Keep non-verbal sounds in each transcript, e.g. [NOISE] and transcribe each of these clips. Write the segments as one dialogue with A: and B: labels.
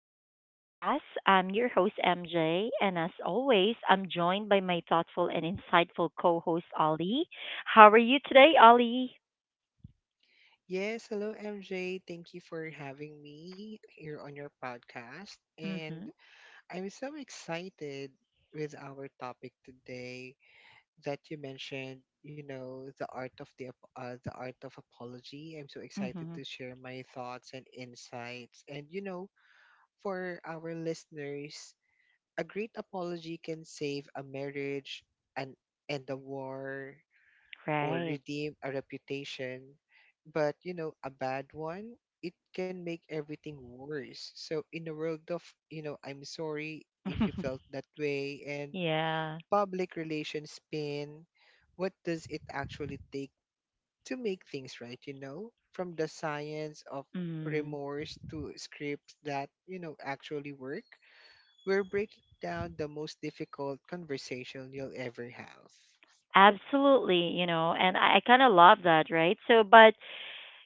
A: to the podcast. I'm your host, MJ, and as always, I'm joined by my thoughtful and insightful co host, Ollie. How are you today, Ollie?
B: Yes, hello MJ. Thank you for having me here on your podcast. And
A: Mm-hmm,
B: I'm so excited with our topic today that you mentioned, the art of the the art of apology. I'm so excited
A: mm-hmm,
B: to share my thoughts and insights. For our listeners, a great apology can save a marriage and end a war or
A: right.
B: redeem a reputation, but a bad one, it can make everything worse. So in a world of, I'm sorry if you felt
A: [LAUGHS]
B: that way and
A: Yeah.
B: public relations spin, what does it actually take to make things right? From the science of
A: Mm.
B: remorse to scripts that, actually work, we're breaking down the most difficult conversation you'll ever have.
A: Absolutely, you know, and I kind of love that, right? But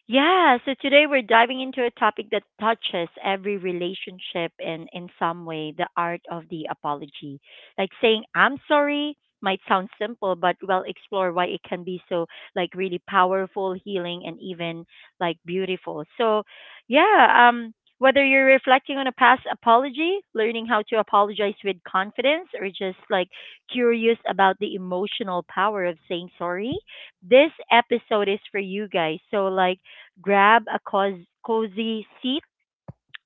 A: yeah, so today we're diving into a topic that touches every relationship in some way, the art of the apology. Like saying I'm sorry might sound simple, but we'll explore why it can be so like really powerful, healing and even like beautiful. So, yeah, um whether you're reflecting on a past apology, learning how to apologize with confidence or just like curious about the emotional power of saying sorry, this episode is for you guys. So like grab a cozy seat,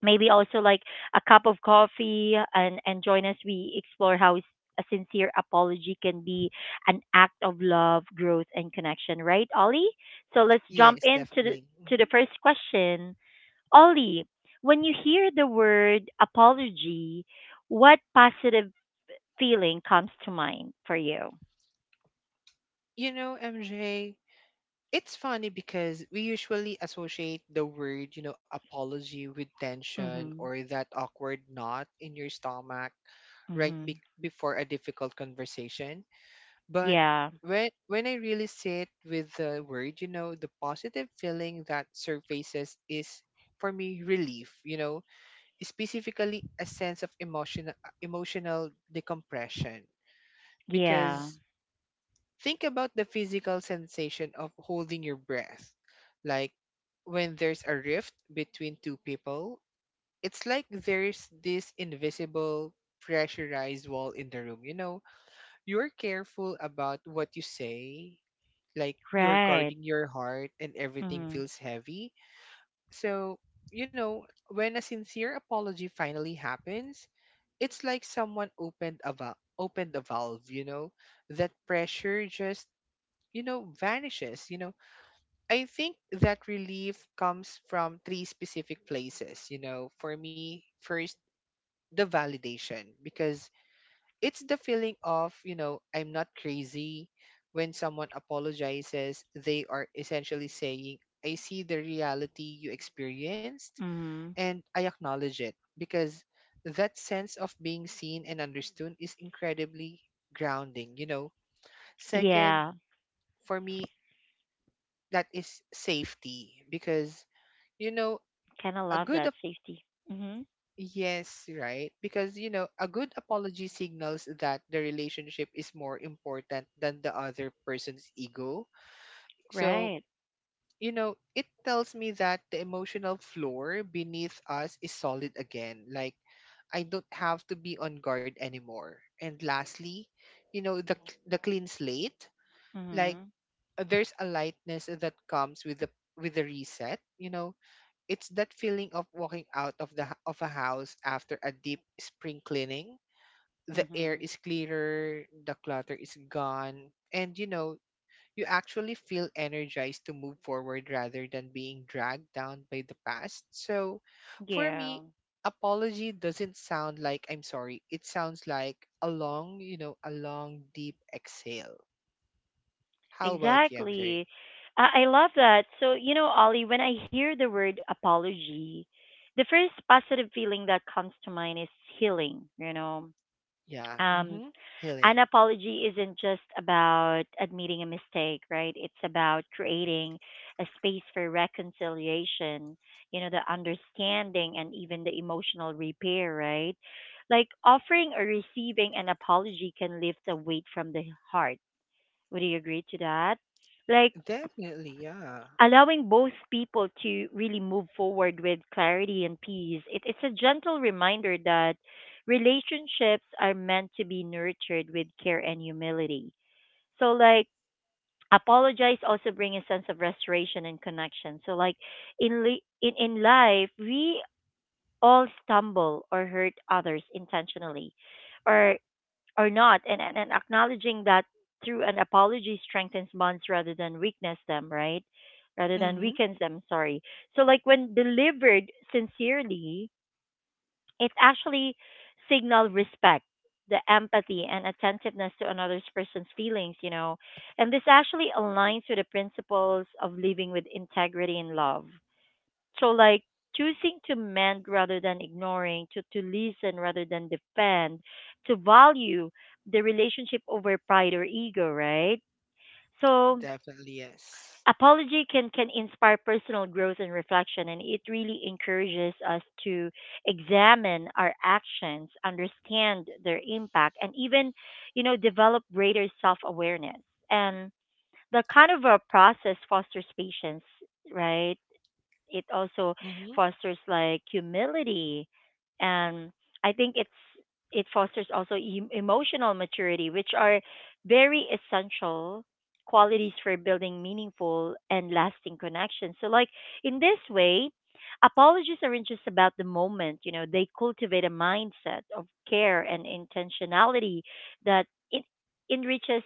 A: maybe also like a cup of coffee, and join us. We explore how a sincere apology can be an act of love, growth, and connection, right, Ollie? So let's jump
B: Yes,
A: into
B: definitely.
A: to
B: Mhm.
A: the first question. Ollie, when you hear the word apology, what positive feeling comes to mind for you?
B: You know, MJ, it's funny because we usually associate the word, apology with tension
A: Mm-hmm.
B: or that awkward knot in your stomach right
A: Mm-hmm.
B: before a difficult conversation. But
A: Yeah.
B: when I really sit with the word, the positive feeling that surfaces is for me relief, specifically a sense of emotional decompression
A: Yeah.
B: because think about the physical sensation of holding your breath. Like when there's a rift between two people, it's like there's this invisible pressurized wall in the room. You know, you're careful about what you say, like you're
A: Right.
B: guarding your heart and everything
A: Mm-hmm.
B: feels heavy. So, when a sincere apology finally happens, it's like someone opened a valve, you know? That pressure just vanishes, I think that relief comes from three specific places, for me. First, the validation, because it's the feeling of, I'm not crazy. When someone apologizes, they are essentially saying, I see the reality you experienced
A: Mm-hmm.
B: and I acknowledge it. Because that sense of being seen and understood is incredibly grounding, you know. Second,
A: Yeah,
B: for me, that is safety, because you know
A: kind of
B: a
A: love that safety. Mhm.
B: yes, right, because a good apology signals that the relationship is more important than the other person's ego. So
A: Right.
B: it tells me that the emotional floor beneath us is solid again. Like I don't have to be on guard anymore. And lastly, you know the the clean slate. Like
A: Mhm.
B: there's a lightness that comes with the reset, you know. It's that feeling of walking out of of a house after a deep spring cleaning. The air
A: Mhm.
B: is clearer, the clutter is gone, and you actually feel energized to move forward rather than being dragged down by the past. So, for
A: Yeah.
B: me, apology doesn't sound like I'm sorry. It sounds like a long, a long deep exhale. How about you, MJ?
A: Exactly. I love that. So, you know, Ollie, when I hear the word apology, the first positive feeling that comes to mind is healing, you know.
B: Yeah.
A: Um
B: Mhm.
A: an
B: Healing.
A: apology isn't just about admitting a mistake, right? It's about creating a space for reconciliation, you know, the understanding and even the emotional repair, right? Like offering or receiving an apology can lift the weight from the heart. Would you agree to that? Like
B: Definitely, yeah.
A: allowing both people to really move forward with clarity and peace. It's a gentle reminder that relationships are meant to be nurtured with care and humility, so like apologize also bring a sense of restoration and connection. So like in li- in life, we all stumble or hurt others intentionally or or not, and acknowledging that through an apology strengthens bonds rather than weakness them, right? Rather than
B: Mhm.
A: weakens them, sorry. So like when delivered sincerely, it actually signal respect, the empathy and attentiveness to another person's feelings, you know. And this actually aligns with the principles of living with integrity and love. So like choosing to mend rather than ignoring, to listen rather than defend, to value the relationship over pride or ego, right? So
B: Definitely yes.
A: apology can inspire personal growth and reflection, and it really encourages us to examine our actions, understand their impact, and even, you know, develop greater self-awareness. And the kind of a process fosters patience, right? It also
B: Mm-hmm.
A: fosters like humility, and I think it's, it fosters also emotional maturity, which are very essential qualities for building meaningful and lasting connections. So like in this way, apologies aren't just about the moment, you know. They cultivate a mindset of care and intentionality that it enriches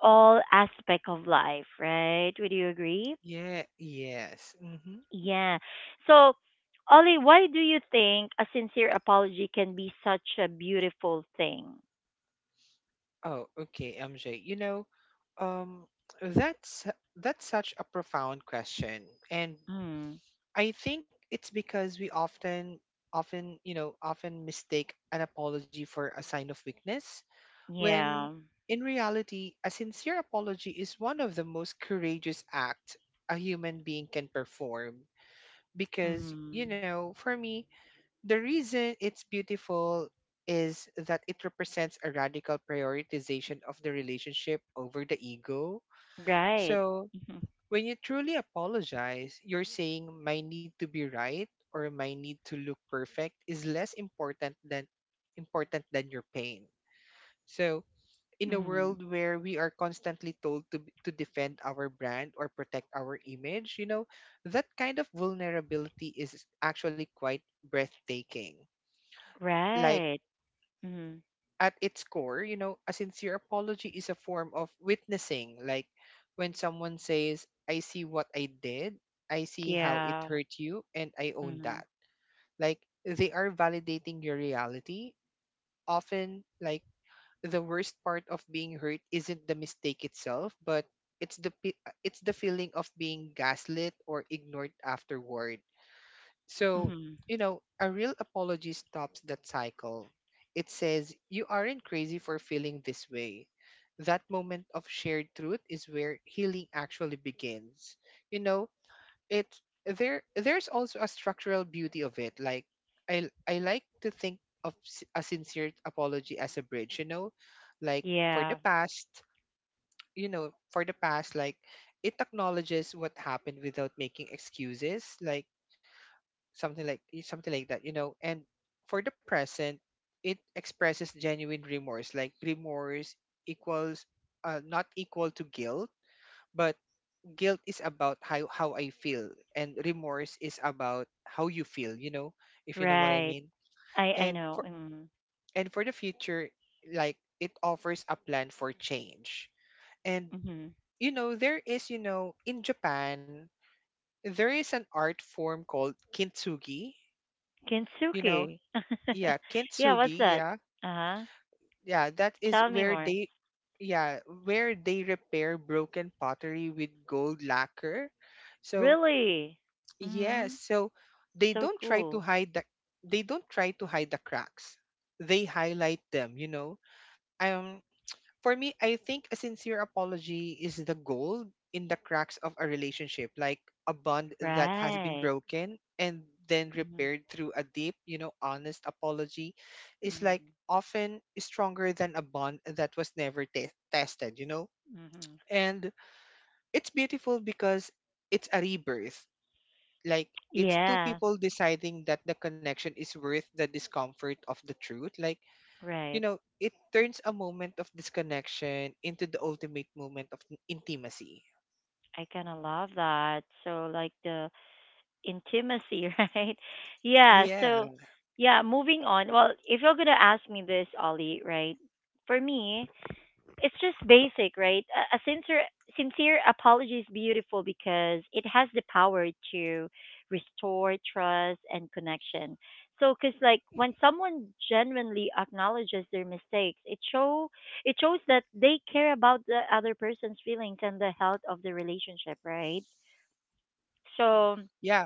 A: all aspect of life, right? Would you agree?
B: Yeah, yes. Mm-hmm.
A: Yeah. So, Ollie, why do you think a sincere apology can be such a beautiful thing?
B: Oh, okay, MJ. Um, that's such a profound question, and
A: Mm.
B: I think it's because we often mistake an apology for a sign of weakness,
A: Yeah.
B: when in reality, a sincere apology is one of the most courageous acts a human being can perform. Because,
A: Mm.
B: for me, the reason it's beautiful is that it represents a radical prioritization of the relationship over the ego.
A: Right.
B: So,
A: [LAUGHS] Mhm.
B: when you truly apologize, you're saying, my need to be right or my need to look perfect is less important than your pain. So, in a
A: Mm.
B: world where we are constantly told to, to defend our brand or protect our image, that kind of vulnerability is actually quite breathtaking. Like
A: Right. Mm.
B: at its core, a sincere apology is a form of witnessing. Like when someone says, I see what I did, I see how it
A: Yeah.
B: hurt you, and I own
A: Mm.
B: that. Like they are validating your reality. Often, like the worst part of being hurt isn't the mistake itself, but it's it's the feeling of being gaslit or ignored afterward. So,
A: Mm.
B: a real apology stops that cycle. It says, you aren't crazy for feeling this way. That moment of shared truth is where healing actually begins. You know, it There's also a structural beauty of it. Like I like to think of a sincere apology as a bridge, you know. Like for the
A: Yeah.
B: past, you know, for the past like it acknowledges what happened without making excuses. Like something like something like that, you know. And for the present, it expresses genuine remorse. Like remorse equals, not equal to guilt, but guilt is about how, I feel, and remorse is about how you feel, you know, if you know what I
A: Right.
B: mean.
A: I
B: and
A: know.
B: for
A: Mm.
B: and for the future, like, it offers a plan for change. And
A: Mm.
B: there is, in Japan, there is an art form called kintsugi, you know.
A: Kintsugi. [LAUGHS]
B: Yeah,
A: Yeah, what's
B: kintsugi,
A: that?
B: yeah.
A: Uh-huh.
B: Yeah, that is
A: Tell me
B: where
A: more.
B: they, yeah, where they repair broken pottery with gold lacquer. So
A: Really?
B: yes,
A: Mm.
B: so they
A: So
B: don't try to
A: cool.
B: hide the, they don't try to hide the cracks, they highlight them, you know. Um, [TSK] for me, I think a sincere apology is the gold in the cracks of a relationship. Like a bond that has been
A: Right.
B: broken and then
A: Mhm.
B: repaired through a deep, honest apology is like
A: Mhm.
B: often stronger than a bond that was never tested, you know.
A: Mhm.
B: And it's beautiful because it's a rebirth. Like it's two
A: Yeah,
B: people deciding that the connection is worth the discomfort of the truth. Like
A: right.
B: it turns a moment of disconnection into the ultimate moment of intimacy.
A: I kind of love that. So like the intimacy, [LAUGHS] right? Yeah,
B: Yeah,
A: so yeah, moving on. Well, if you're going to ask me this, Ollie, right? For me, it's just basic, right? A sincere apology is beautiful because it has the power to restore trust and connection. So, cause like when someone genuinely acknowledges their mistakes, it shows that they care about the other person's feelings and the health of the relationship, right? So.
B: yeah,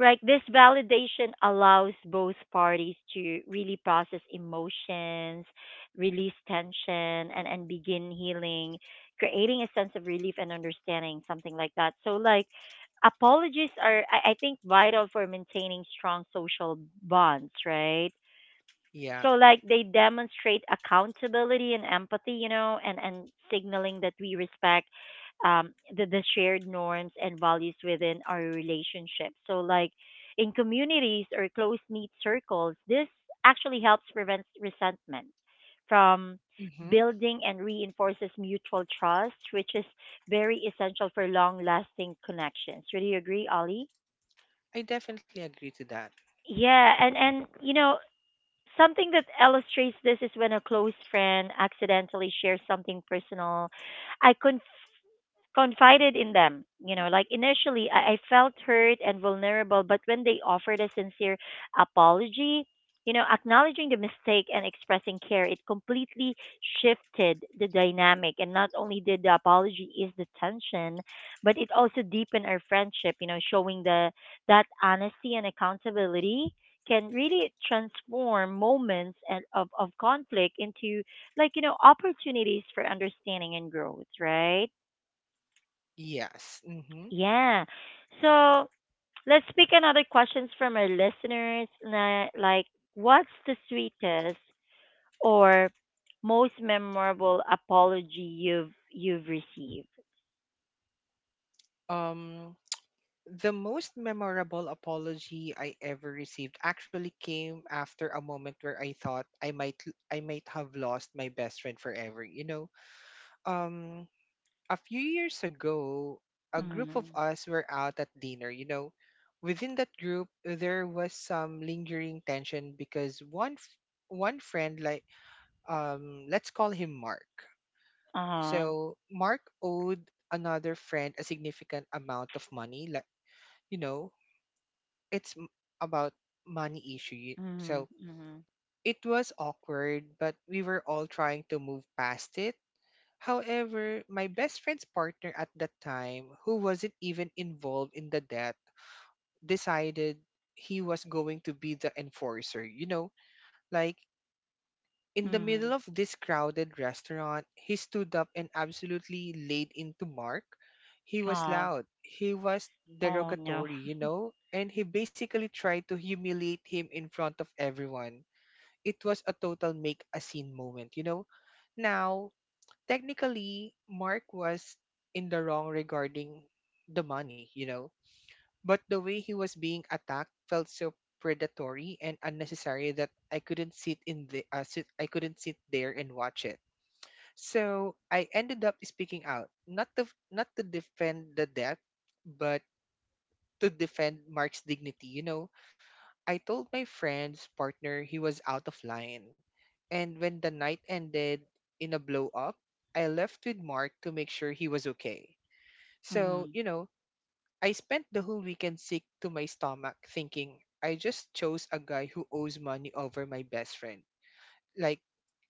A: Right. This validation allows both parties to really process emotions, release tension, and begin healing, creating a sense of relief and understanding, something like that. So, like, apologies are, I think, vital for maintaining strong social bonds, right?
B: yeah.
A: So like they demonstrate accountability and empathy, you know, and signaling that we respect the shared norms and values within our relationship. So like in communities or close knit circles, this actually helps prevent resentment from
B: Mm-hmm.
A: building and reinforces mutual trust, which is very essential for long lasting connections. Would you agree, Ollie?
B: I definitely agree to that.
A: Yeah, and you know, something that illustrates this is when a close friend accidentally shares something personal. I conf- confided in them. You know, like initially I felt hurt and vulnerable, but when they offered a sincere apology, you know, acknowledging the mistake and expressing care, it completely shifted the dynamic. And not only did the apology ease the tension, but it also deepened our friendship. You know, showing the that honesty and accountability can really transform moments and of conflict into, like, you know, opportunities for understanding and growth, right?
B: Yes. Mm-hmm.
A: Yeah. So let's pick another questions from our listeners. Like, what's the sweetest or most memorable apology you've received?
B: Um, the most memorable apology I ever received actually came after a moment where I thought I might I might have lost my best friend forever. You know, um, a few years ago, a group of
A: Mm.
B: us were out at dinner. You know, within that group, there was some lingering tension because one friend, like let's call him Mark.
A: Uh-huh.
B: So Mark owed another friend a significant amount of money. Like you know, it's m- about money issue. So
A: Mm. Mm.
B: it was awkward, but we were all trying to move past it. However, my best friend's partner at that time, who wasn't even involved in the death, decided he was going to be the enforcer. You know, like in the
A: Mm.
B: middle of this crowded restaurant, he stood up and absolutely laid into Mark. He was
A: Oh.
B: loud, he was
A: Oh no.
B: derogatory, and he basically tried to humiliate him in front of everyone. It was a total make a scene moment, you know. Now, technically Mark was in the wrong regarding the money, you know. But the way he was being attacked felt so predatory and unnecessary that I couldn't sit in I couldn't sit there and watch it. So I ended up speaking out, not to defend the debt, but to defend Mark's dignity, you know. I told my friend's partner he was out of line. And when the night ended in a blow up, I left with Mark to make sure he was okay. So,
A: Mm.
B: you know, I spent the whole weekend sick to my stomach thinking I just chose a guy who owes money over my best friend. Like,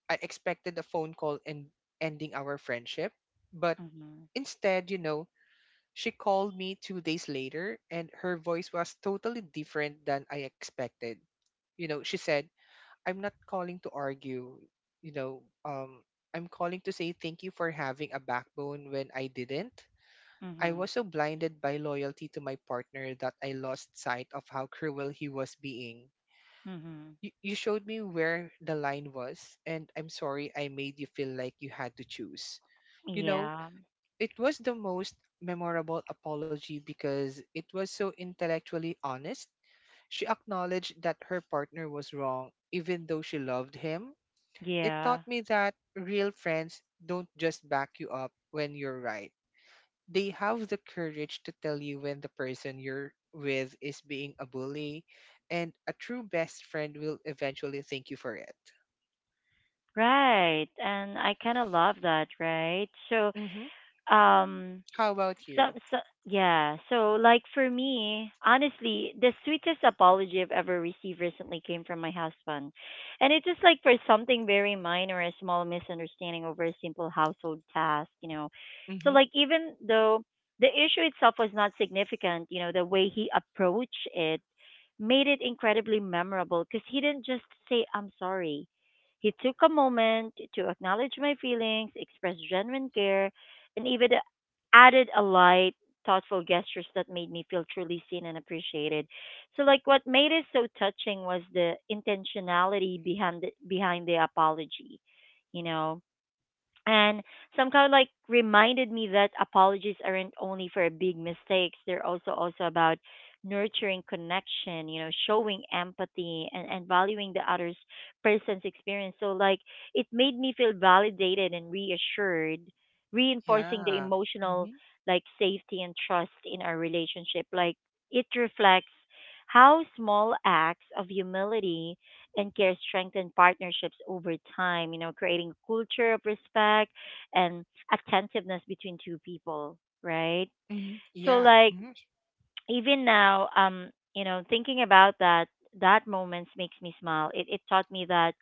B: I expected a phone call and ending our friendship. But
A: Mm.
B: instead, you know, she called me two days later and her voice was totally different than I expected. You know, she said, I'm not calling to argue, you know. I'm calling to say thank you for having a backbone when I didn't. I
A: Mm.
B: was so blinded by loyalty to my partner that I lost sight of how cruel he was being.
A: Mm.
B: You showed me where the line was, and I'm sorry I made you feel like you had to choose. You know,
A: Yeah.
B: it was the most memorable apology because it was so intellectually honest. She acknowledged that her partner was wrong, even though she loved him. It
A: Yeah.
B: taught me that real friends don't just back you up when you're right. They have the courage to tell you when the person you're with is being a bully, and a true best friend will eventually thank you for it.
A: Right. And I kind of love that, right? So,
B: Mm-hmm.
A: um
B: How about
A: some,
B: you?
A: so yeah, so like for me, honestly, the sweetest apology I've ever received recently came from my husband, and it was like for something very minor, a small misunderstanding over a simple household task, you know. So
B: Mm-hmm.
A: like even though the issue itself was not significant, you know, the way he approached it made it incredibly memorable, because he didn't just say, I'm sorry. He took a moment to acknowledge my feelings, express genuine care, and even added a light, thoughtful gestures that made me feel truly seen and appreciated. So, like, what made it so touching was the intentionality behind behind the apology, you know, and somehow like reminded me that apologies aren't only for big mistakes. They're also about nurturing connection, you know, showing empathy and valuing the other's person's experience. So like it made me feel validated and reassured, reinforcing the
B: Yeah.
A: emotional
B: Mm-hmm.
A: like safety and trust in our relationship. Like it reflects how small acts of humility and care strengthen partnerships over time, you know, creating a culture of respect and attentiveness between two people, right?
B: Mm-hmm.
A: So
B: Yeah.
A: like
B: Mm-hmm.
A: even now, you know, thinking about that that moments makes me smile. It taught me that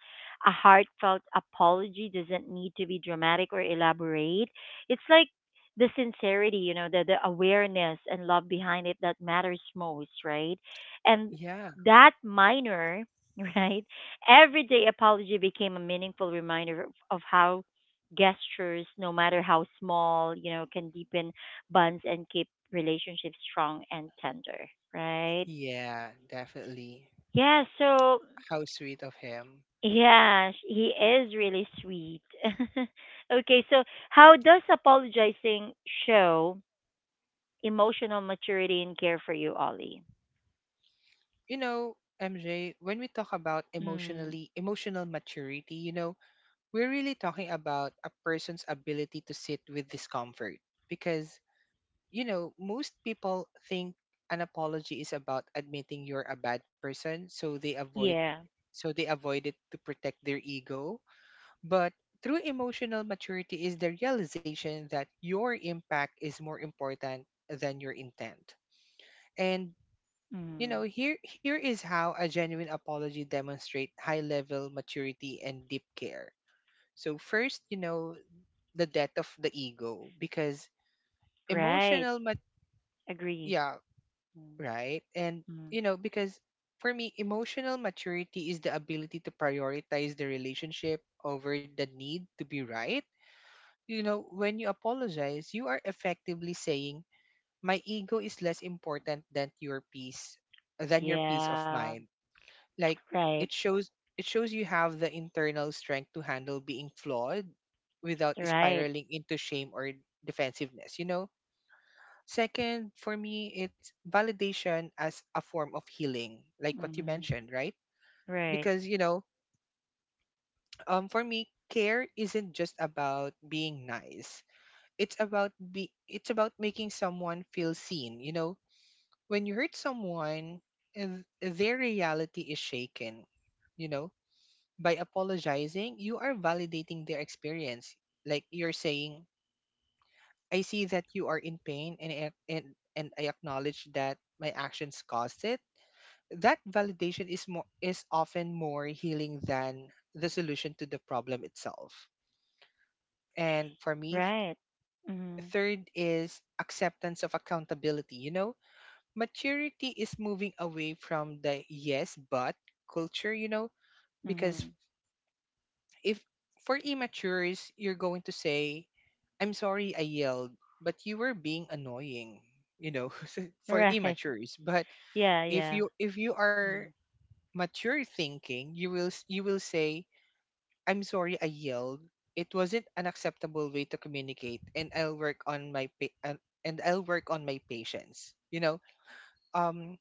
A: a heartfelt apology doesn't need to be dramatic or elaborate. It's like the sincerity, you know, the awareness and love behind it that matters most, right? And
B: Yeah.
A: that minor, [LAUGHS] right, everyday apology became a meaningful reminder of how gestures, no matter how small, you know, can deepen bonds and keep relationship strong and tender, right?
B: Yeah, definitely.
A: Yeah, so
B: How sweet of him.
A: yeah, he is really sweet. [LAUGHS] Okay, so how does apologizing show emotional maturity and care for you, Ollie?
B: You know, MJ, when we talk about
A: Mm,
B: emotional maturity, you know, we're really talking about a person's ability to sit with discomfort because you know most people think an apology is about admitting you're a bad person
A: yeah.
B: so they avoid it to protect their ego, but true emotional maturity is the realization that your impact is more important than your intent. And you
A: Mm,
B: know, here is how a genuine apology demonstrates high level maturity and deep care. So first, you know, the death of the ego because
A: right.
B: emotional mat-
A: Agree.
B: yeah,
A: Mm,
B: right. And
A: mm,
B: you know, because for me emotional maturity is the ability to prioritize the relationship over the need to be right. You know, when you apologize you are effectively saying my ego is less important than your peace, than your peace of
A: yeah.
B: mind. Like,
A: Right.
B: it shows it shows you have the internal strength to handle being flawed without
A: Right.
B: spiraling into shame or defensiveness, you know. Second, for me, it's validation as a form of healing, like what you
A: Mm,
B: mentioned, right?
A: right.
B: Because, you know, for me, care isn't just about being nice. It's about be it's about making someone feel seen, you know? When you hurt someone, and their reality is shaken, you know? By apologizing, you are validating their experience. Like, you're saying, I see that you are in pain, and I acknowledge that my actions caused it. That validation is more is often more healing than the solution to the problem itself. And for me,
A: Right. Mm,
B: third is acceptance of accountability, you know. Maturity is moving away from the yes but culture, you know, because
A: mm,
B: if for immatures you're going to say, I'm sorry I yelled, but you were being annoying, you know. [LAUGHS] So
A: [LAUGHS]
B: for
A: right.
B: immatures. But
A: Yeah,
B: if
A: yeah.
B: you if you are
A: Mm.
B: mature thinking, you will say, I'm sorry I yelled. It wasn't an acceptable way to communicate and I'll work on my and I'll work on my patience. You know, um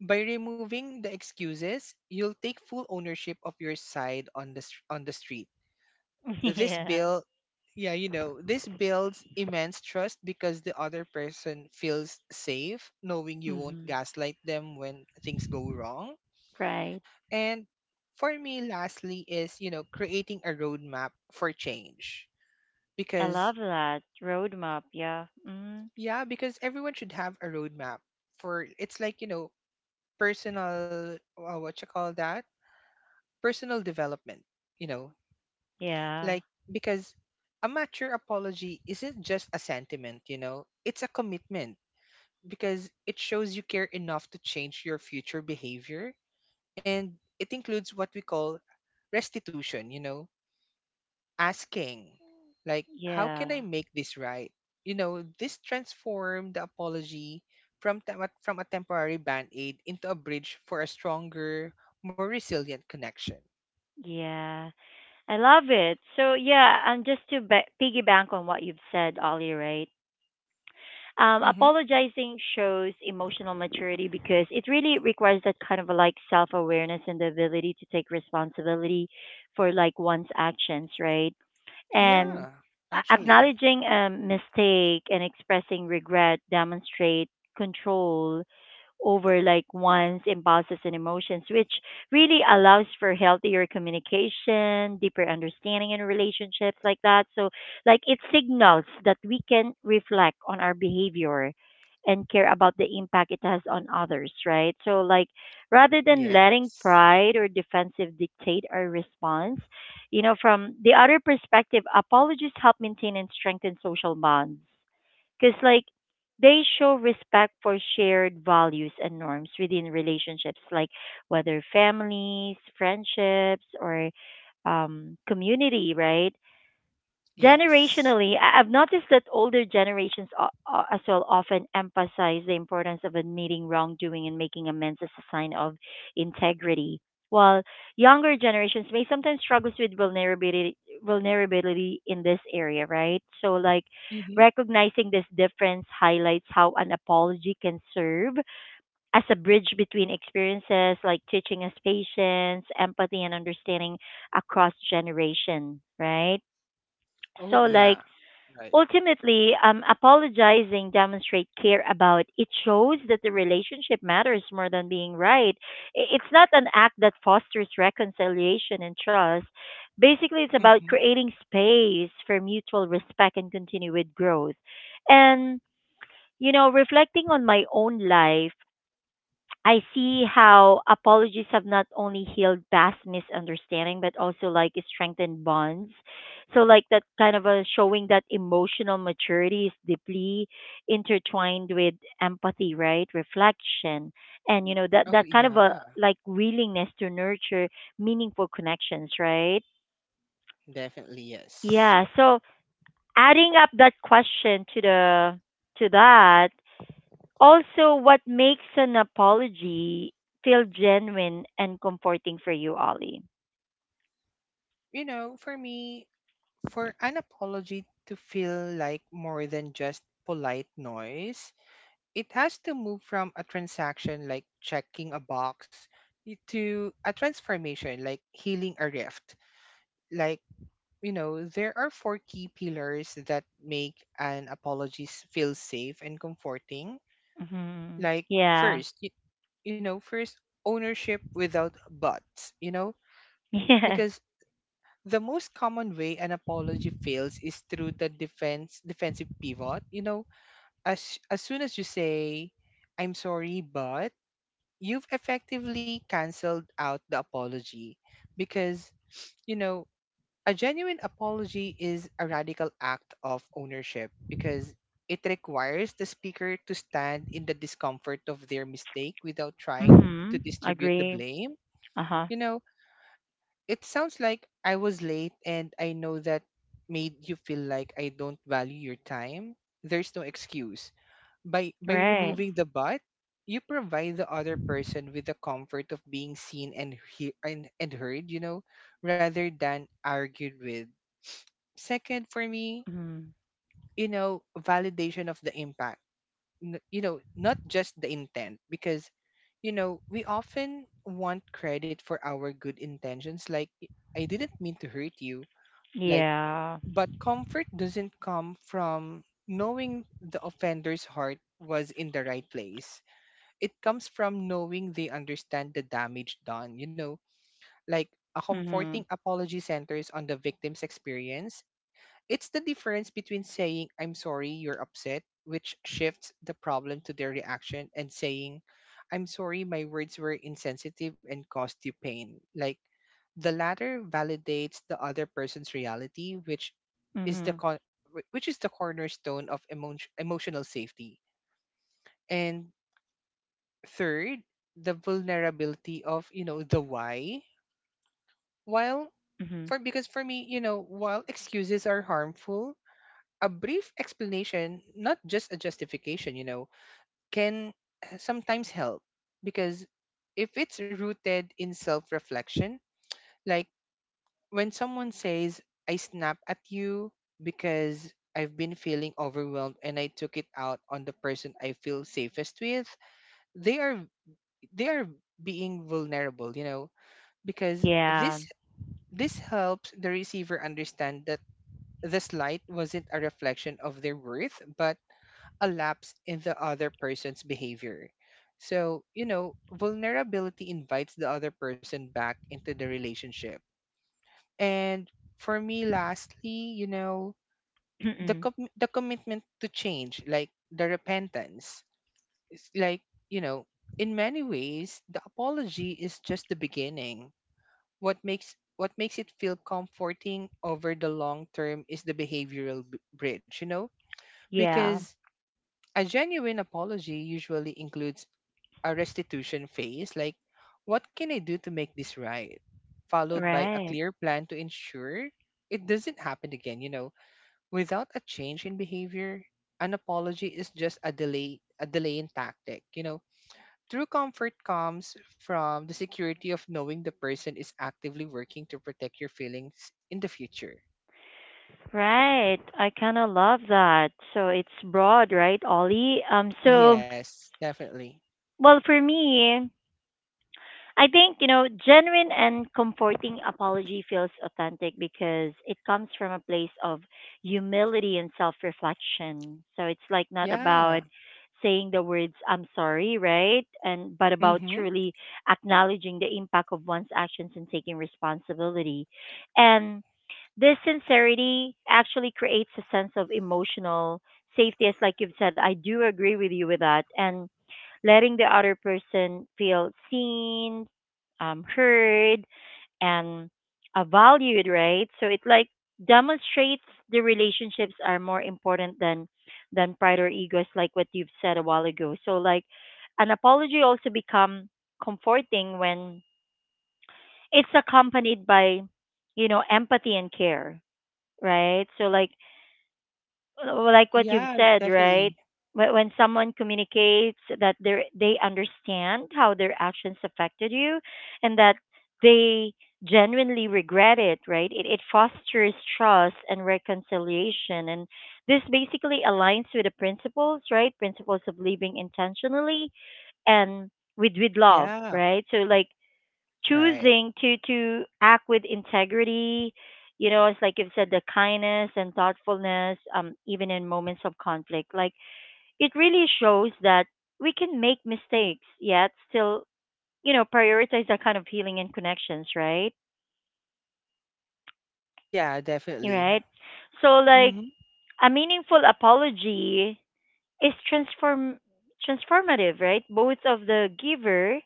B: by removing the excuses, you'll take full ownership of your side on the on the street.
A: [LAUGHS]
B: This
A: Yeah.
B: bill yeah, you know, this builds immense trust because the other person feels safe knowing you won't
A: Mm-hmm.
B: gaslight them when things go wrong.
A: Right.
B: And for me, lastly, is, you know, creating a roadmap for change
A: I
B: because
A: love that roadmap. Yeah. Mm-hmm.
B: yeah, because everyone should have a roadmap for, it's like, you know, personal what you call that, personal development, you know.
A: Yeah.
B: Like, because a mature apology isn't just a sentiment, you know, it's a commitment because it shows you care enough to change your future behavior. And it includes what we call restitution, you know, asking, like, how can
A: Yeah.
B: I make this right? You know, this transformed the apology from, from a temporary band aid into a bridge for a stronger, more resilient connection.
A: Yeah. I love it. So yeah, and just to ba piggyback on what you've said, Ollie, right?
B: Mm-hmm.
A: Apologizing shows emotional maturity because it really requires that kind of a, like self awareness and the ability to take responsibility for like one's actions, right? And
B: Yeah, actually.
A: acknowledging a mistake and expressing regret demonstrate control over like one's impulses and emotions, which really allows for healthier communication, deeper understanding in relationships like that. So like it signals that we can reflect on our behavior and care about the impact it has on others, right? So like rather than letting
B: Yes.
A: pride or defensive dictate our response, you know, from the other perspective, apologies help maintain and strengthen social bonds because, like, they show respect for shared values and norms within relationships, like whether families, friendships, or community, right?
B: Yes.
A: Generationally, I've noticed that older generations as well often emphasize the importance of admitting wrongdoing and making amends as a sign of integrity, while younger generations may sometimes struggle with vulnerability in this area, right? So, like
B: Mm-hmm.
A: recognizing this difference highlights how an apology can serve as a bridge between experiences, like teaching us patience, empathy, and understanding across generation, right?
B: Oh,
A: So,
B: yeah.
A: like
B: Right.
A: ultimately, apologizing demonstrate care about it shows that the relationship matters more than being right. It's not an act that fosters reconciliation and trust. Basically, it's about
B: Mm-hmm.
A: creating space for mutual respect and continued growth. And you know, reflecting on my own life, I see how apologies have not only healed past misunderstanding but also like strengthened bonds. So like that kind of a showing that emotional maturity is deeply intertwined with empathy, right? Reflection and you know that
B: Oh,
A: that kind
B: yeah.
A: of a like willingness to nurture meaningful connections, right?
B: Definitely, yes.
A: Yeah. So adding up that question to that also, what makes an apology feel genuine and comforting for you, Ollie?
B: You know, for me, for an apology to feel like more than just polite noise, it has to move from a transaction like checking a box to a transformation like healing a rift. Like, you know, there are four key pillars that make an apology feel safe and comforting.
A: Mm-hmm.
B: Like,
A: Yeah.
B: first, you know, first, ownership without buts, you know,
A: [LAUGHS] Yeah.
B: because the most common way an apology fails is through the defense defensive pivot, you know. As soon as you say, I'm sorry but, you've effectively canceled out the apology because, you know, a genuine apology is a radical act of ownership because it requires the speaker to stand in the discomfort of their mistake without trying to
A: Mm-hmm.
B: distribute the
A: Agree.
B: blame. You
A: Uh-huh.
B: know, it sounds like, I was late and I know that made you feel like I don't value your time. There's no excuse. By
A: Right.
B: removing the but, you provide the other person with the comfort of being seen and heard, you know, rather than argued with. Second, for me,
A: Mm-hmm.
B: you know, validation of the impact, you know, not just the intent, because you know we often want credit for our good intentions, like I didn't mean to hurt you, like.
A: Yeah.
B: But comfort doesn't come from knowing the offender's heart was in the right place. It comes from knowing they understand the damage done, you know, like. A comforting
A: Mm-hmm.
B: apology centers on the victim's experience. It's the difference between saying, I'm sorry, you're upset, which shifts the problem to their reaction, and saying, I'm sorry, my words were insensitive and caused you pain. Like, the latter validates the other person's reality, which is the
A: Mm-hmm.
B: which is the cornerstone of emotional safety. And third, the vulnerability of, you know, the why. While
A: Mm-hmm.
B: for, because for me, you know, while excuses are harmful, a brief explanation, not just a justification, you know, can sometimes help because if it's rooted in self-reflection, like when someone says, I snap at you because I've been feeling overwhelmed and I took it out on the person I feel safest with, they are they are being vulnerable, you know, because
A: Yeah.
B: this helps the receiver understand that the slight wasn't a reflection of their worth but a lapse in the other person's behavior. So you know, vulnerability invites the other person back into the relationship. And for me lastly, you know, the
A: Mm-mm.
B: the commitment to change, like the repentance. It's like, you know, in many ways the apology is just the beginning. What makes it feel comforting over the long term is the behavioral bridge, you know?
A: Yeah.
B: Because a genuine apology usually includes a restitution phase, like, what can I do to make this right? Followed by a
A: Right.
B: clear plan to ensure it doesn't happen again, you know. Without a change in behavior, an apology is just a delay a delaying tactic, you know. True comfort comes from the security of knowing the person is actively working to protect your feelings in the future.
A: Right. I kind of love that. So it's broad, right, Ollie? So
B: Yes, definitely.
A: well for me, I think, you know, genuine and comforting apology feels authentic because it comes from a place of humility and self reflection. So it's like not
B: Yeah.
A: about saying the words I'm sorry, right? And but about
B: Mm-hmm.
A: truly acknowledging the impact of one's actions and taking responsibility. And this sincerity actually creates a sense of emotional safety as like you've said, I do agree with you with that. And letting the other person feel seen, heard, and valued, right? So it like demonstrates the relationships are more important than pride or egos, like what you've said a while ago. So like an apology also become comforting when it's accompanied by you know empathy and care, right? So like like what you've
B: Yeah,
A: said, right?
B: definitely.
A: When someone communicates that they understand how their actions affected you, and that they genuinely regret it, right? It fosters trust and reconciliation, and this basically aligns with the principles, right? Principles of living intentionally and with love,
B: Yeah.
A: right? So like
B: Right.
A: choosing to act with integrity, you know, it's like you've said the kindness and thoughtfulness, um, even in moments of conflict, like it really shows that we can make mistakes yet still, you know, prioritize that kind of healing and connections, right?
B: Yeah,
A: You're
B: definitely.
A: right, so like
B: Mm-hmm.
A: a meaningful apology is transformative right? Both of the giver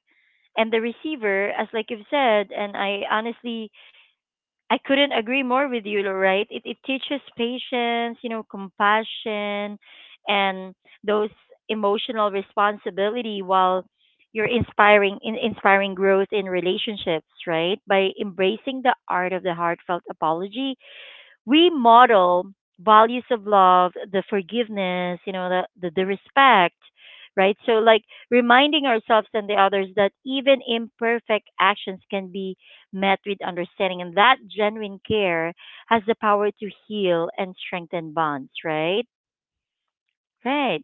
A: and the receiver as like you've said, and I honestly I couldn't agree more with you, right? It teaches patience, you know, compassion and those emotional responsibility while you're inspiring growth in relationships, right? By embracing the art of the heartfelt apology, we model values of love, the forgiveness, you know, the respect, right? So, like reminding ourselves and the others that even imperfect actions can be met with understanding, and that genuine care has the power to heal and strengthen bonds, right? Right,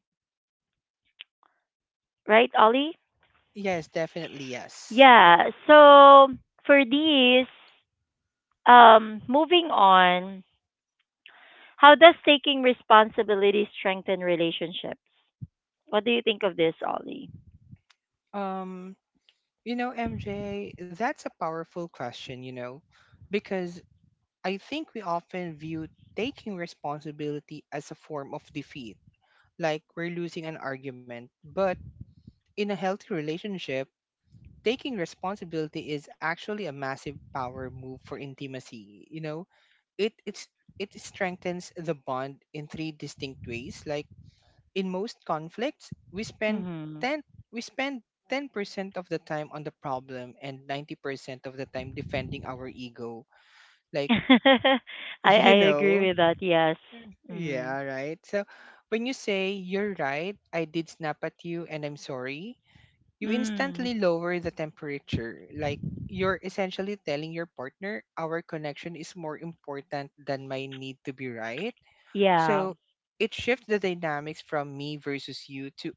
A: right, Ollie?
B: Yes, definitely. Yes.
A: Yeah. So, for these, moving on, how does taking responsibility strengthen relationships? What do you think of this, Ollie?
B: Um, you know, MJ, that's a powerful question, you know, because I think we often view taking responsibility as a form of defeat, like we're losing an argument. But in a healthy relationship, taking responsibility is actually a massive power move for intimacy. You know, it it strengthens the bond in three distinct ways. Like, in most conflicts, we spend
A: Mm-hmm.
B: 10 we spend 10% of the time on the problem and 90% of the time defending our ego. Like,
A: [LAUGHS]
B: [LAUGHS]
A: I
B: you
A: agree
B: know,
A: with that. Yes. Mm-hmm.
B: yeah, right. So when you say, you're right, I did snap at you and I'm sorry, you
A: Mm.
B: instantly lower the temperature. Like, you're essentially telling your partner, our connection is more important than my need to be right.
A: Yeah.
B: So it shifts the dynamics from me versus you to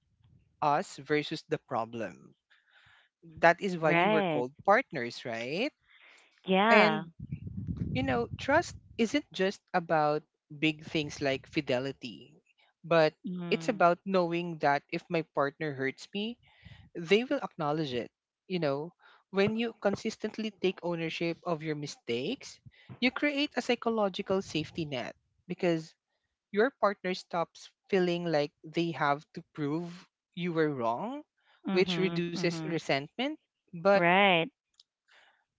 B: us versus the problem. That is why you were
A: Right.
B: called partners, right? And
A: Yeah.
B: you know, trust isn't just about big things like fidelity, but it's
A: Mm-hmm.
B: about knowing that if my partner hurts me, they will acknowledge it. You know, when you consistently take ownership of your mistakes, you create a psychological safety net because your partner stops feeling like they have to prove you were wrong, which
A: Mm-hmm.
B: reduces
A: Mm-hmm.
B: resentment. But
A: Right.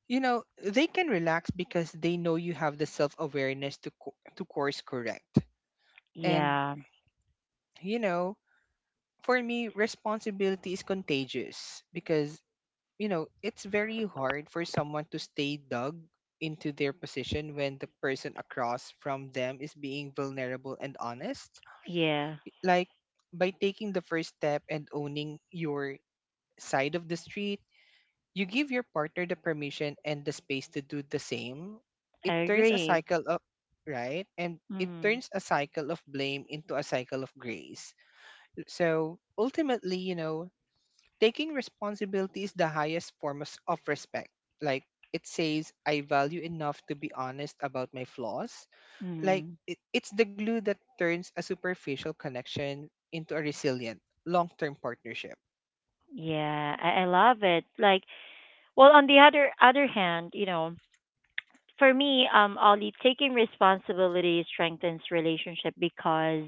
B: you know, they can relax because they know you have the self awareness to, to course correct. And
A: Yeah.
B: you know, for me, responsibility is contagious because, you know, it's very hard for someone to stay dug into their position when the person across from them is being vulnerable and honest.
A: Yeah.
B: Like, by taking the first step and owning your side of the street, you give your partner the permission and the space to do the same.
A: I
B: It turns a
A: agree.
B: cycle of
A: Mm-hmm.
B: blame into a cycle of grace. So ultimately, you know, taking responsibility is the highest form of, of respect. Like, it says, I value enough to be honest about my flaws. Like,
A: Mm-hmm.
B: it's the glue that turns a superficial connection into a resilient, long term partnership.
A: Yeah, I love it. Like, well, on the other hand, you know, for me, Ollie, taking responsibility strengthens relationship because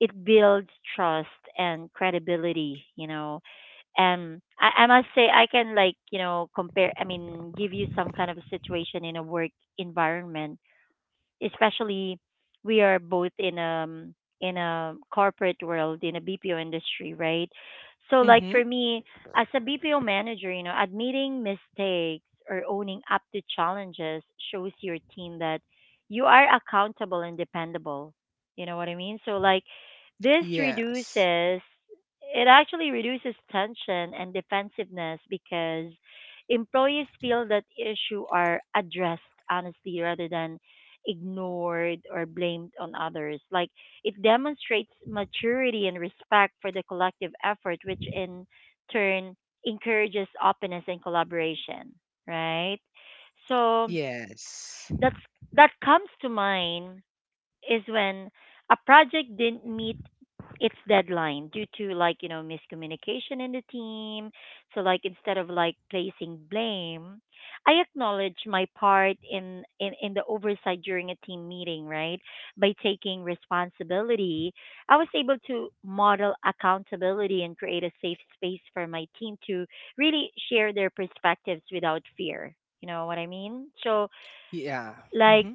A: it builds trust and credibility. You know, and I must say I can like you know compare. I mean, give you some kind of a situation in a work environment, especially we are both in a corporate world in a BPO industry, right? So like
B: Mm-hmm.
A: for me as a BPO manager, you know, admitting mistakes or owning up to challenges shows your team that you are accountable and dependable. You know what I mean? So like this
B: Yes.
A: reduces it actually reduces tension and defensiveness because employees feel that issue are addressed honestly rather than ignored or blamed on others. Like it demonstrates maturity and respect for the collective effort, which in turn encourages openness and collaboration, right? So
B: Yes.
A: that's that comes to mind is when a project didn't meet its deadline due to like you know miscommunication in the team, so like instead of like placing blame I acknowledge my part in the oversight during a team meeting, right? By taking responsibility I was able to model accountability and create a safe space for my team to really share their perspectives without fear, you know what I mean? So
B: Yeah.
A: like
B: Mm-hmm.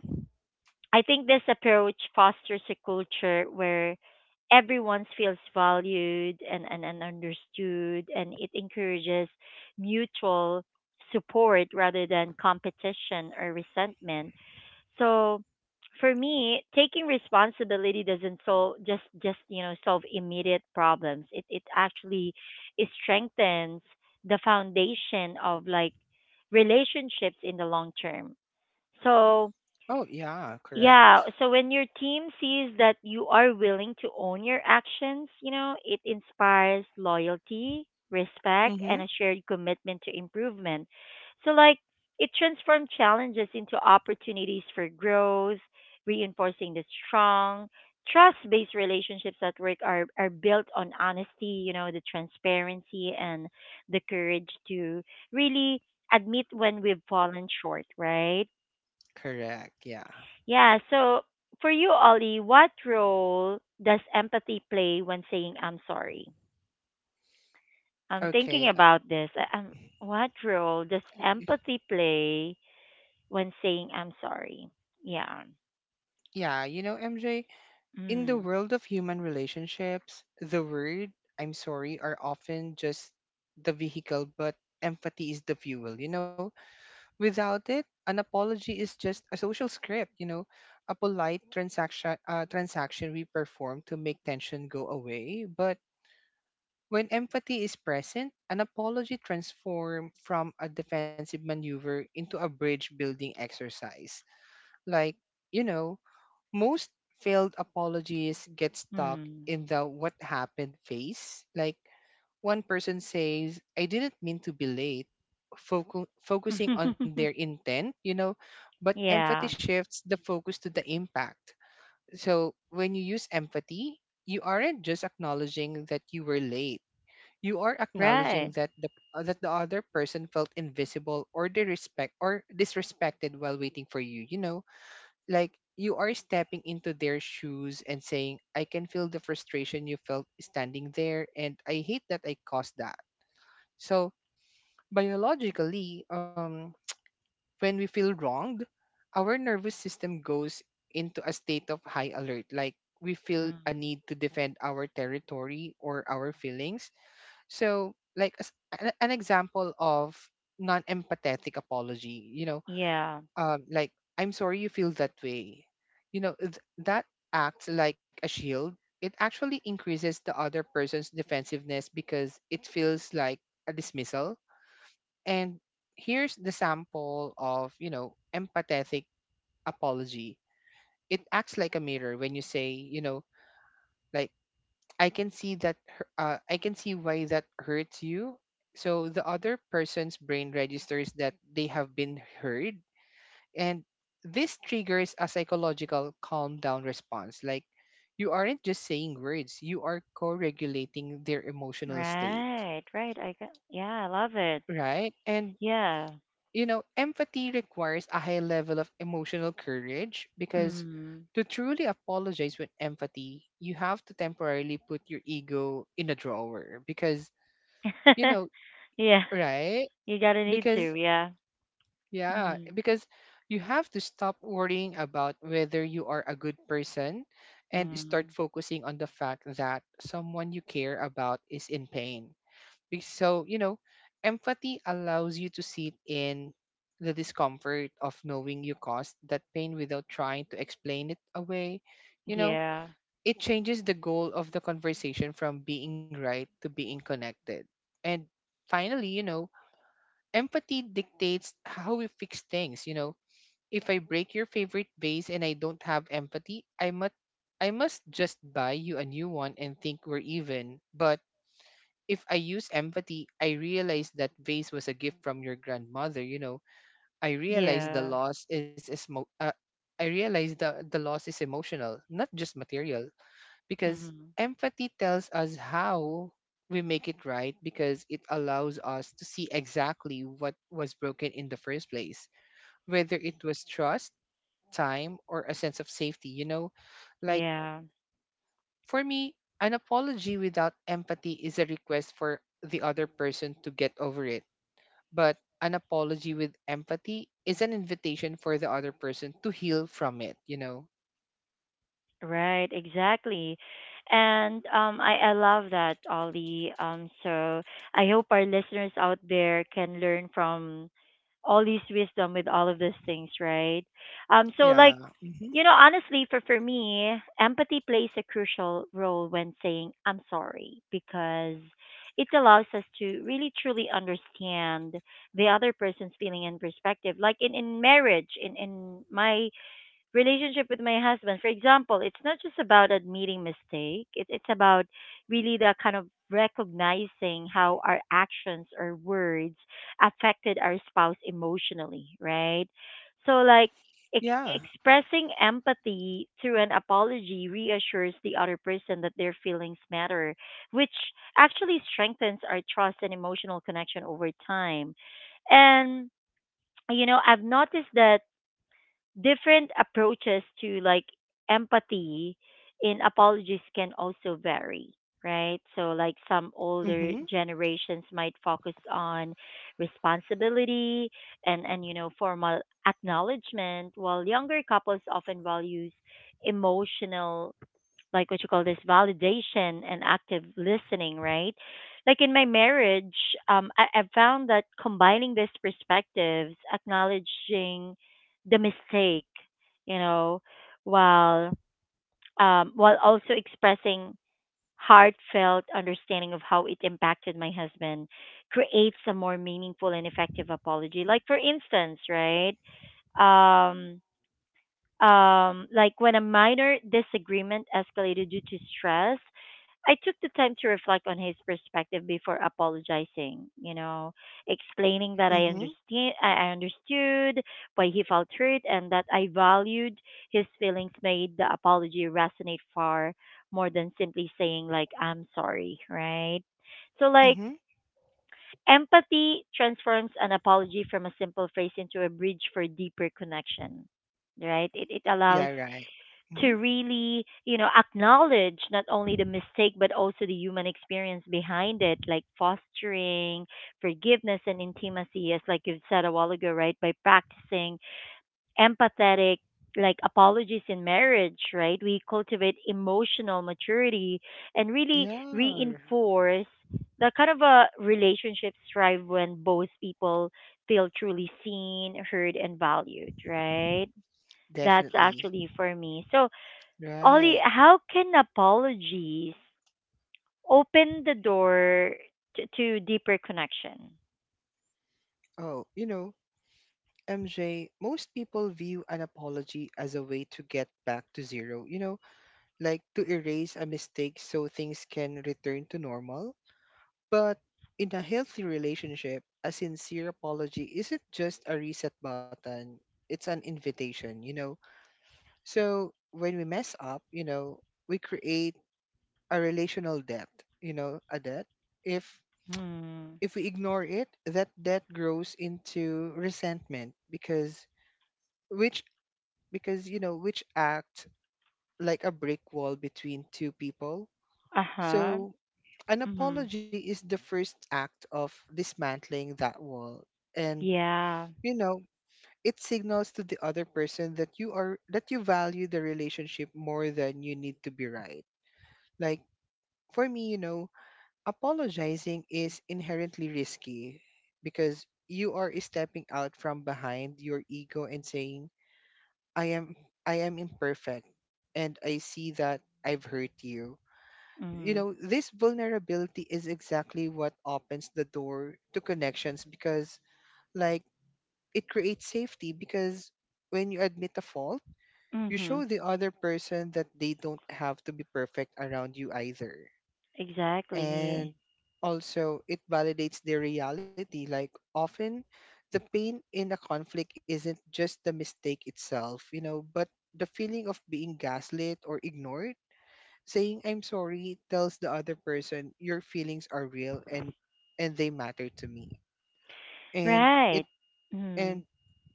A: I think this approach fosters a culture where everyone feels valued and understood, and it encourages mutual support rather than competition or resentment. So, for me, taking responsibility doesn't solve just you know solve immediate problems. It actually it strengthens the foundation of like relationships in the long term. So
B: Oh, yeah.
A: yeah,
B: Correct.
A: so when your team sees that you are willing to own your actions, you know, it inspires loyalty, respect,
B: Mm-hmm.
A: and a shared commitment to improvement. So, like, it transforms challenges into opportunities for growth, reinforcing the strong, trust based relationships at work are built on honesty, you know, the transparency and the courage to really admit when we've fallen short, right?
B: Correct. Yeah.
A: Yeah. So for you, Ollie, what role does empathy play when saying I'm sorry? I'm thinking
B: Okay.
A: about this. What role does empathy play when saying I'm sorry? Yeah.
B: Yeah. You know, MJ, in the
A: Mm.
B: world of human relationships, the word I'm sorry are often just the vehicle, but empathy is the fuel, you know? Without it, an apology is just a social script, you know? A polite transaction, transaction we perform to make tension go away. But when empathy is present, an apology transforms from a defensive maneuver into a bridge building exercise. Like, you know, most failed apologies get stuck
A: Mm.
B: in the what happened phase. Like, one person says, I didn't mean to be late, focusing on their
A: [LAUGHS]
B: intent, you know, but
A: Yeah.
B: empathy shifts the focus to the impact. So when you use empathy, you aren't just acknowledging that you were late. You are acknowledging
A: Right.
B: that the other person felt invisible or disrespected while waiting for you. You know, like, you are stepping into their shoes and saying, I can feel the frustration you felt standing there, and I hate that I caused that. So, biologically, when we feel wronged, our nervous system goes into a state of high alert, like we feel a
A: Mm.
B: need to defend our territory or our feelings. So, like, as an example of non empathetic apology,
A: Yeah.
B: like, "I'm sorry you feel that way" that acts like a shield. It actually increases the other person's defensiveness because it feels like a dismissal. And here's the sample of empathetic apology. It acts like a mirror when you say, like, I can see why that hurts you. So the other person's brain registers that they have been heard. And this triggers a psychological calm down response. Like, you aren't just saying words, you are co regulating their emotional state,
A: Right. Right. I got, yeah, I love it.
B: right? And,
A: Yeah.
B: you know, empathy requires a high level of emotional courage because
A: Mm.
B: to truly apologize with empathy, you have to temporarily put your ego in a drawer because, you
A: [LAUGHS]
B: know,
A: Yeah.
B: right?
A: You gotta need
B: Because
A: to, yeah.
B: Yeah, eh,
A: Mm.
B: because you have to stop worrying about whether you are a good person and start
A: Mm.
B: focusing on the fact that someone you care about is in pain. So, empathy allows you to sit in the discomfort of knowing you caused that pain without trying to explain it away. You know,
A: Yeah,
B: it changes the goal of the conversation from being right to being connected. And finally, empathy dictates how we fix things. If I break your favorite vase and I don't have empathy, I must just buy you a new one and think we're even. But if I use empathy, I realize that vase was a gift from your grandmother. I realize the
A: yeah,
B: loss is is mo- uh, I realize the loss is emotional, not just material, because
A: hmm,
B: empathy tells us how we make it right because it allows us to see exactly what was broken in the first place, whether it was trust, time, or a sense of safety, you know? Like,
A: yeah,
B: for me, an apology without empathy is a request for the other person to get over it. But an apology with empathy is an invitation for the other person to heal from it, you know?
A: right, exactly. And I love that, Ollie. So I hope our listeners out there can learn from all this wisdom with all of these things, right? So
B: Yeah.
A: like,
B: Hmm.
A: you know, honestly, for me, empathy plays a crucial role when saying I'm sorry because it allows us to really truly understand the other person's feeling and perspective. Like in marriage, in my relationship with my husband. For example, it's not just about admitting mistake. It's about really the kind of recognizing how our actions or words affected our spouse emotionally, right? So like ex-
B: Yeah.
A: expressing empathy through an apology reassures the other person that their feelings matter, which actually strengthens our trust and emotional connection over time. And you know, I've noticed that different approaches to like empathy in apologies can also vary, right? So like some
B: Mm-hmm.
A: older generations might focus on responsibility and you know formal acknowledgement, while younger couples often values emotional, like what you call this, validation and active listening, right? Like in my marriage, I found that combining these perspectives, acknowledging the mistake, you know, while while also expressing heartfelt understanding of how it impacted my husband, creates a more meaningful and effective apology. Like for instance, right? Um, like when a minor disagreement escalated due to stress, I took the time to reflect on his perspective before apologizing, you know, explaining that I
B: Mm-hmm.
A: understand I understood why he felt hurt and that I valued his feelings made the apology resonate far more than simply saying like I'm sorry, right? So like
B: Mm-hmm.
A: empathy transforms an apology from a simple phrase into a bridge for deeper connection. Right? It allows
B: Yeah, right.
A: to
B: Mm-hmm.
A: really, you know, acknowledge not only the mistake but also the human experience behind it, like fostering forgiveness and intimacy, as like you've said a while ago, right? By practicing empathetic like apologies in marriage, right? We cultivate emotional maturity and really
B: Yeah,
A: reinforce the kind of a relationships thrive when both people feel truly seen, heard, and valued, right? That's
B: definitely.
A: actually for me. So Ollie,
B: Right.
A: how can apologies open the door to deeper connection?
B: Oh, MJ, most people view an apology as a way to get back to zero. Like to erase a mistake so things can return to normal. But in a healthy relationship, a sincere apology isn't just a reset button, it's an invitation, you know? So when we mess up, we create a relational debt, a debt. If
A: Hmm.
B: if we ignore it, that debt grows into resentment which because which act like a brick wall between two people.
A: Uh huh.
B: So an
A: Mm-hmm.
B: apology is the first act of dismantling that wall. And,
A: Yeah.
B: you know, it signals to the other person that you value the relationship more than you need to be right. Like, for me, apologizing is inherently risky because you are stepping out from behind your ego and saying, I am, I am imperfect and I see that I've hurt you you know,
A: Mm.
B: this vulnerability is exactly what opens the door to connections because, like, it creates safety. Because when you admit a fault, you
A: Mm-hmm.
B: show the other person that they don't have to be perfect around you either.
A: Exactly.
B: And also, it validates their reality. Like, often the pain in a conflict isn't just the mistake itself, but the feeling of being gaslit or ignored. Saying I'm sorry tells the other person your feelings are real, and they matter to me. And it
A: Right. Mm.
B: and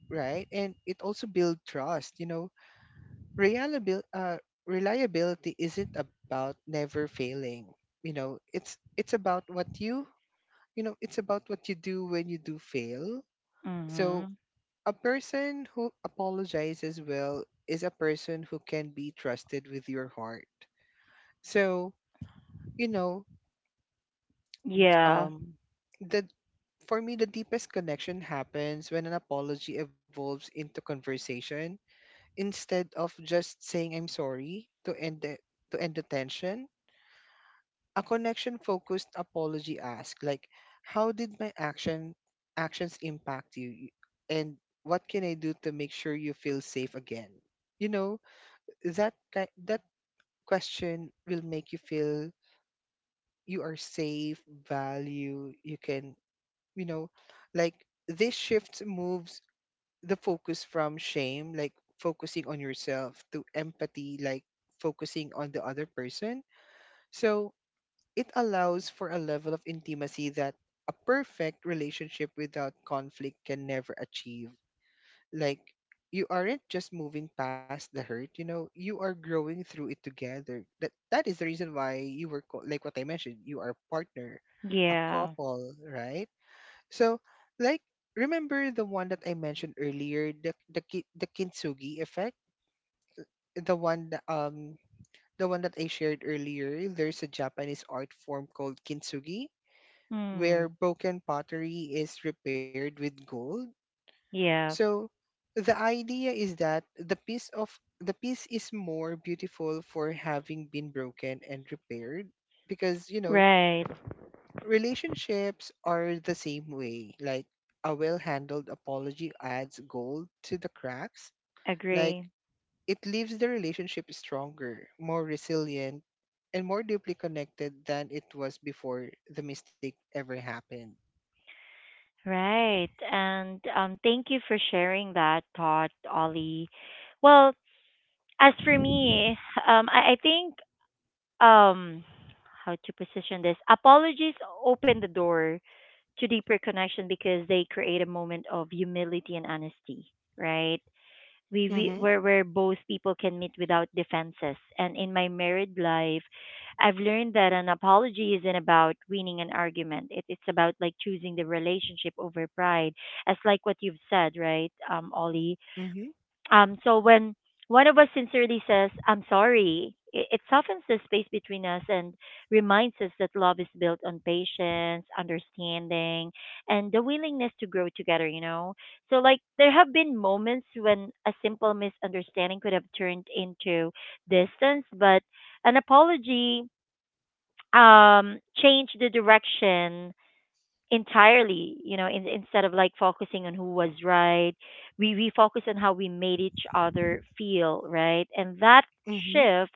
B: right and it also builds trust. Reliability uh reliability isn't about never failing. It's about what you do when you do fail. So
A: Mm-hmm.
B: a person who apologizes well is a person who can be trusted with your heart. So, you know,
A: Yeah.
B: Um, the for me, the deepest connection happens when an apology evolves into conversation instead of just saying "I'm sorry" to end the tension. A connection-focused apology asks, like, "How did my actions impact you, and what can I do to make sure you feel safe again?" You know that question will make you feel you are safe, value, you can, you know, like, this shift moves the focus from shame, like focusing on yourself, to empathy, like focusing on the other person. So it allows for a level of intimacy that a perfect relationship without conflict can never achieve. Like, you aren't just moving past the hurt, you know, you are growing through it together. That is the reason why you were like what I mentioned, you are partner, a
A: Yeah.
B: couple, right? So, like, remember the one that I mentioned earlier, the kintsugi effect, the one that, um the one that I shared earlier. There's a Japanese art form called kintsugi, where
A: Mm.
B: broken pottery is repaired with gold.
A: Yeah.
B: So the idea is that the piece is more beautiful for having been broken and repaired because
A: Right.
B: relationships are the same way. Like, a well handled apology adds gold to the cracks. Like,
A: Agree.
B: it leaves the relationship stronger, more resilient, and more deeply connected than it was before the mistake ever happened.
A: Right. And thank you for sharing that thought, Ollie. Well, as for me, I think um how to position this apologies open the door to deeper connection because they create a moment of humility and honesty, right? we, we
B: Mm-hmm.
A: where where both people can meet without defenses, and in my married life I've learned that an apology isn't about winning an argument. It's about like choosing the relationship over pride, as like what you've said, right, um, Ollie?
B: Mm-hmm.
A: Um, so when one of us sincerely says, I'm sorry, it softens the space between us and reminds us that love is built on patience, understanding, and the willingness to grow together, you know? So, like, there have been moments when a simple misunderstanding could have turned into distance, but an apology changed the direction entirely, you know? Instead of like focusing on who was right, we focus on how we made each other feel, right? And that
B: Mm-hmm.
A: shift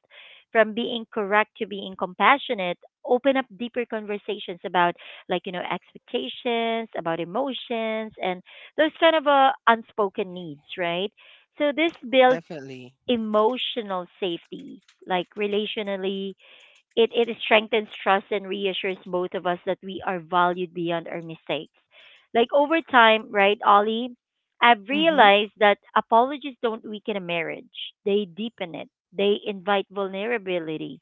A: from being correct to being compassionate open up deeper conversations about, like you know, expectations about emotions and those kind of, unspoken needs, right? So this builds
B: Definitely.
A: emotional safety, like relationally it strengthens trust and reassures both of us that we are valued beyond our mistakes. Like over time, right, Ollie, I've
B: Mm-hmm.
A: realized that apologies don't weaken a marriage, they deepen it, they invite vulnerability.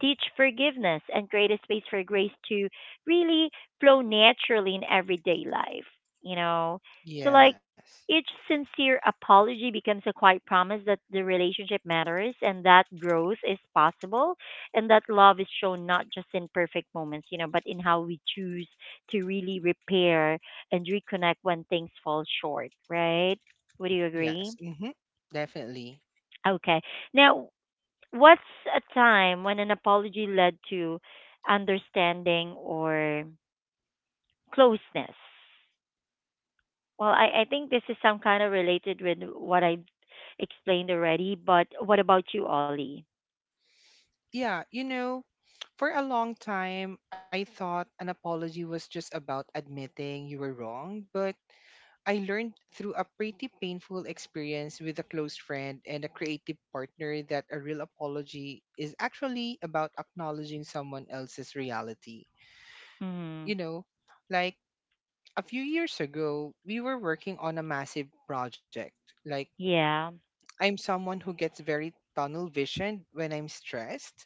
A: Teach forgiveness and create a space for grace to really flow naturally in everyday life, you know? So, like,
B: Yes.
A: each sincere apology becomes a quiet promise that the relationship matters and that growth is possible and that love is shown not just in perfect moments but in how we choose to really repair and reconnect when things fall short, right? Would you agree?
B: Yes. Mm-hmm. Definitely.
A: Okay, now what's a time when an apology led to understanding or closeness? Well I think this is some kind of related with what I've explained already, but what about you, Ollie?
B: Yeah, for a long time, I thought an apology was just about admitting you were wrong, but I learned through a pretty painful experience with a close friend and a creative partner that a real apology is actually about acknowledging someone else's reality.
A: Mm,
B: You know, like a few years ago, we were working on a massive project. Like,
A: yeah.
B: I'm someone who gets very tunnel visioned when I'm stressed.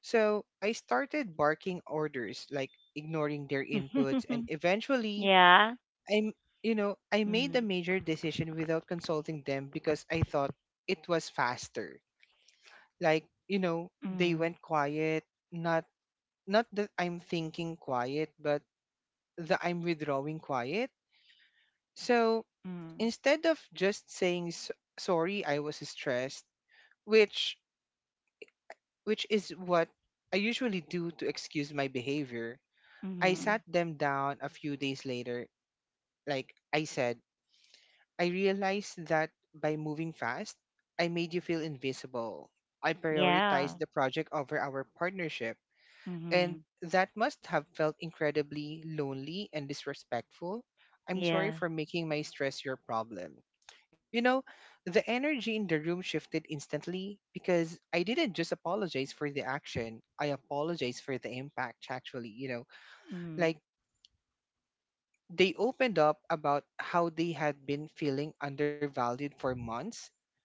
B: So I started barking orders, like ignoring their inputs, and
A: [LAUGHS]
B: eventually
A: Yeah.
B: I'm, I made a
A: Mm,
B: major decision without consulting them because I thought it was faster. Like, they
A: mm.
B: went quiet, not not that I'm thinking quiet, but that I'm withdrawing quiet. So,
A: Mm.
B: instead of just saying sorry, I was stressed, which which is what I usually do to excuse my behavior, I sat
A: Mhm.
B: them down a few days later. Like, I said, I realized that by moving fast, I made you feel invisible. I
A: Yeah.
B: prioritized the project over our partnership, and
A: Mhm.
B: that must have felt incredibly lonely and disrespectful. I'm
A: Yeah.
B: sorry for making my stress your problem. You know, the energy in the room shifted instantly because I didn't just apologize for the action, I apologized for the impact, actually. You know,
A: Mhm.
B: like they opened up about how they had been feeling undervalued for months,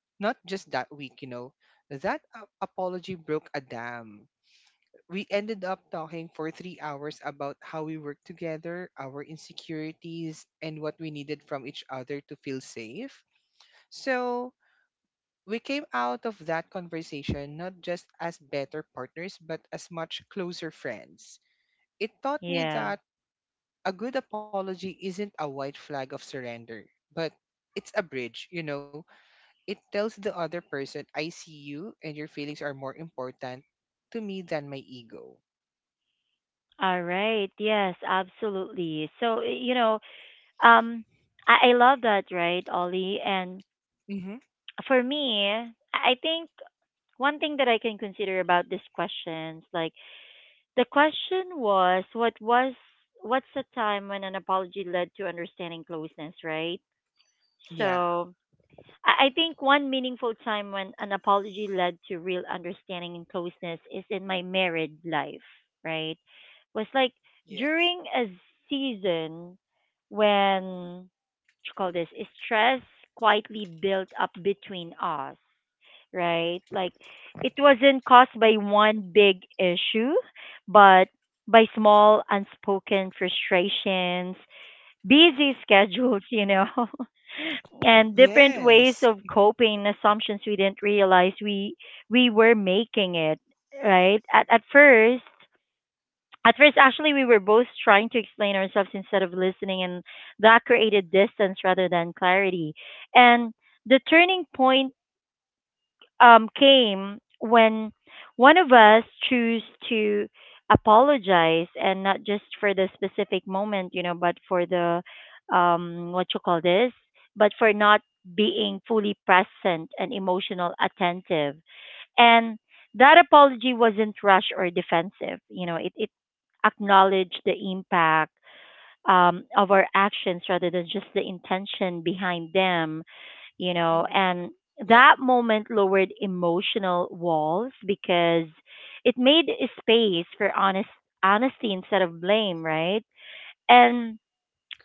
B: not just that week. That apology broke a dam. We ended up talking for 3 hours about how we work together, our insecurities, and what we needed from each other to feel safe. So we came out of that conversation not just as better partners, but as much closer friends. It taught me
A: Yeah.
B: that a good apology isn't a white flag of surrender, but it's a bridge. It tells the other person, I see you and your feelings are more important to me than my ego.
A: All right. Yes, absolutely. So, you know, um I love that, right, Ollie? And
B: Mm-hmm.
A: for me, I think one thing that I can consider about these questions, like the question was what was what's the time when an apology led to understanding closeness, right?
B: Yeah.
A: So, I think one meaningful time when an apology led to real understanding and closeness is in my married life, right? Was like
B: Yes.
A: during a season when what you call this stress quietly built up between us, right? Like it wasn't caused by one big issue, but by small unspoken frustrations, busy schedules, you know, [LAUGHS] and different
B: Yes.
A: ways of
B: Mm-hmm.
A: coping, assumptions we didn't realize we were making it, right? At first, at first actually we were both trying to explain ourselves instead of listening, and that created distance rather than clarity. And the turning point came when one of us choose to apologize, and not just for the specific moment, you know, but for the what you call this, but for not being fully present and emotional attentive. And that apology wasn't rushed or defensive. You know, it acknowledged the impact of our actions rather than just the intention behind them, you know,
B: Mm-hmm.
A: and
B: Yeah.
A: that moment lowered emotional walls because it made a space for honesty instead of blame, right? And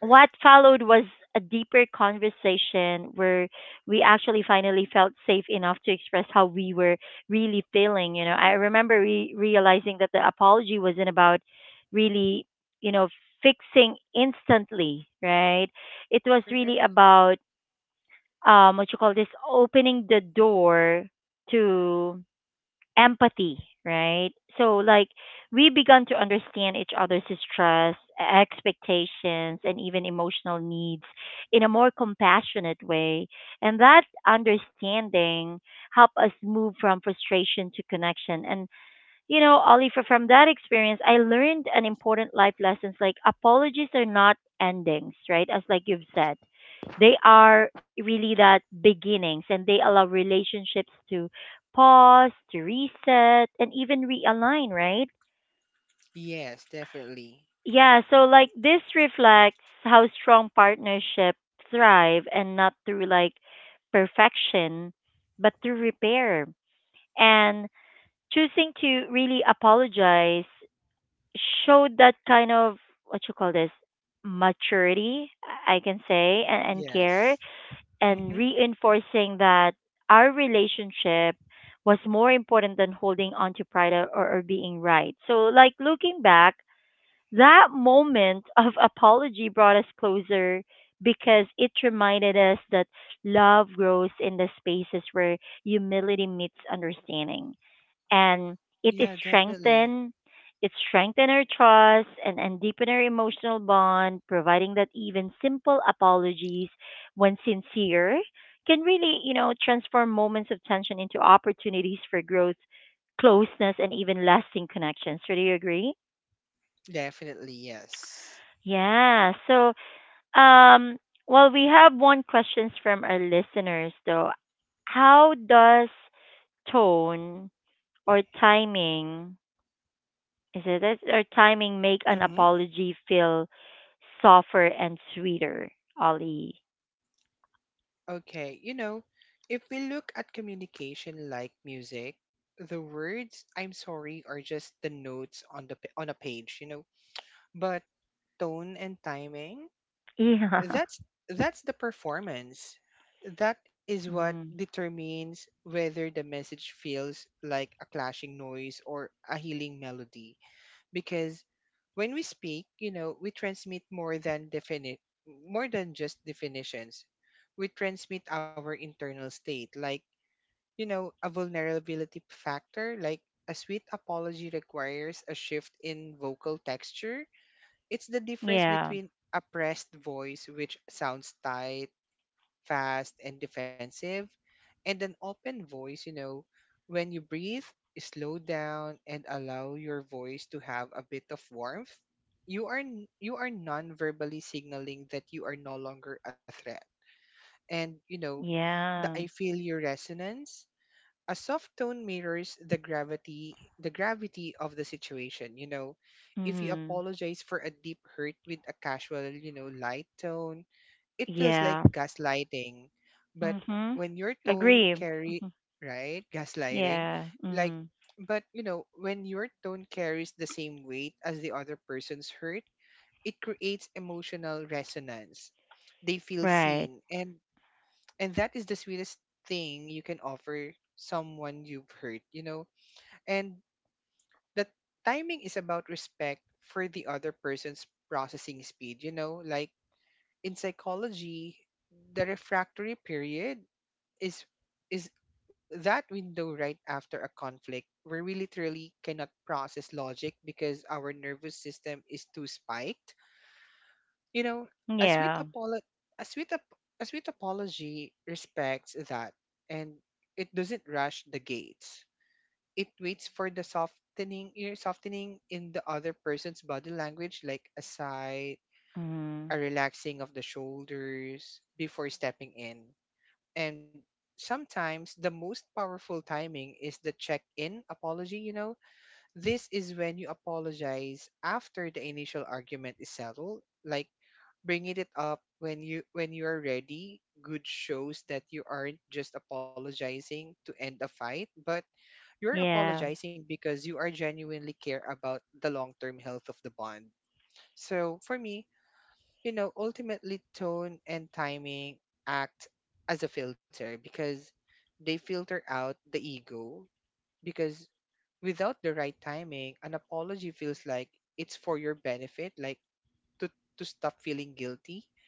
A: what followed was a deeper conversation where we actually finally felt safe enough to express how we were really feeling. You know, I remember realizing that the apology wasn't about really, you know, fixing instantly, right? It was really
B: Correct.
A: about what you call this opening the door to empathy, right? So like we begun to understand each other's stress, expectations and even emotional needs in a more compassionate way, and that understanding helped us move from frustration to connection. And you know, Oliver, from that experience, I learned an important life lessons, like apologies are not endings, right? As like you've said, they are really that beginnings, and they allow relationships to pause, to reset, and even realign, right?
B: Yes, definitely.
A: Yeah, so like this reflects how strong partnerships thrive, and not through like perfection, but through repair. And choosing to really apologize showed that kind of what you call this maturity, I can say, and care,
B: Yes.
A: and
B: Mm-hmm.
A: reinforcing that our relationship was more important than holding on to pride, or being right. So, like looking back, that moment of apology brought us closer because it reminded us that love grows in the spaces where humility meets understanding, and it is
B: Yeah, definitely.
A: strengthen, it strengthen our trust and deepen our emotional bond, providing that even simple apologies, when sincere, can really, you know, transform moments of tension into opportunities for growth, closeness, and even lasting connections. So do you agree?
B: Definitely, yes.
A: Yeah. So um well we have one questions from our listeners though. How does tone or timing, is it? Does our timing make an
B: Mm-hmm.
A: apology feel softer and sweeter, Ollie?
B: Okay, if we look at communication like music, the words "I'm sorry" are just the notes on the on a page, you know. But tone and timing,
A: Yeah.
B: that's that's the performance, that is what
A: Mm.
B: determines whether the message feels like a clashing noise or a healing melody because when we speak, we transmit more than just definitions. We transmit our internal state, like, a vulnerability factor. Like, a sweet apology requires a shift in vocal texture. It's the difference
A: Yeah.
B: between a pressed voice, which sounds tight, fast, and defensive, and an open voice, you know, when you breathe, slow down and allow your voice to have a bit of warmth. You are you are non-verbally signaling that you are no longer a threat. And you know, the
A: Yeah.
B: I feel your resonance, a soft tone mirrors the gravity of the situation. If you
A: Mm.
B: apologize for a deep hurt with a casual, light tone, it feels like
A: Yeah.
B: gaslighting. but
A: Mhm.
B: when your tone
A: Agree.
B: carry
A: Mhm.
B: right gaslighting
A: Yeah.
B: like
A: Mm.
B: but when your tone carries the same weight as the other person's hurt, it creates emotional resonance. They feel
A: Right.
B: seen, and that is the sweetest thing you can offer someone you've hurt. And the timing is about respect for the other person's processing speed, you know, like in psychology the refractory period is is that window right after a conflict where we literally cannot process logic because our nervous system is too spiked you know, a sweet
A: Yeah.
B: apolo- a sweet ap- a sweet apology respects that, and it doesn't rush the gates. It waits for the softening, in the other person's body language, like a sigh,
A: Mm.
B: a relaxing of the shoulders before stepping in. And sometimes the most powerful timing is the check-in apology, you know, this is when you apologize after the initial argument is settled, like bringing it up when you are ready. Good shows that you aren't just apologizing to end a fight, but you're
A: Yeah.
B: apologizing because you are genuinely care about the long-term health of the bond. So for me, ultimately tone and timing act as a filter because they filter out the ego because without the right timing, an apology feels like it's for your benefit, like to, to stop feeling guilty.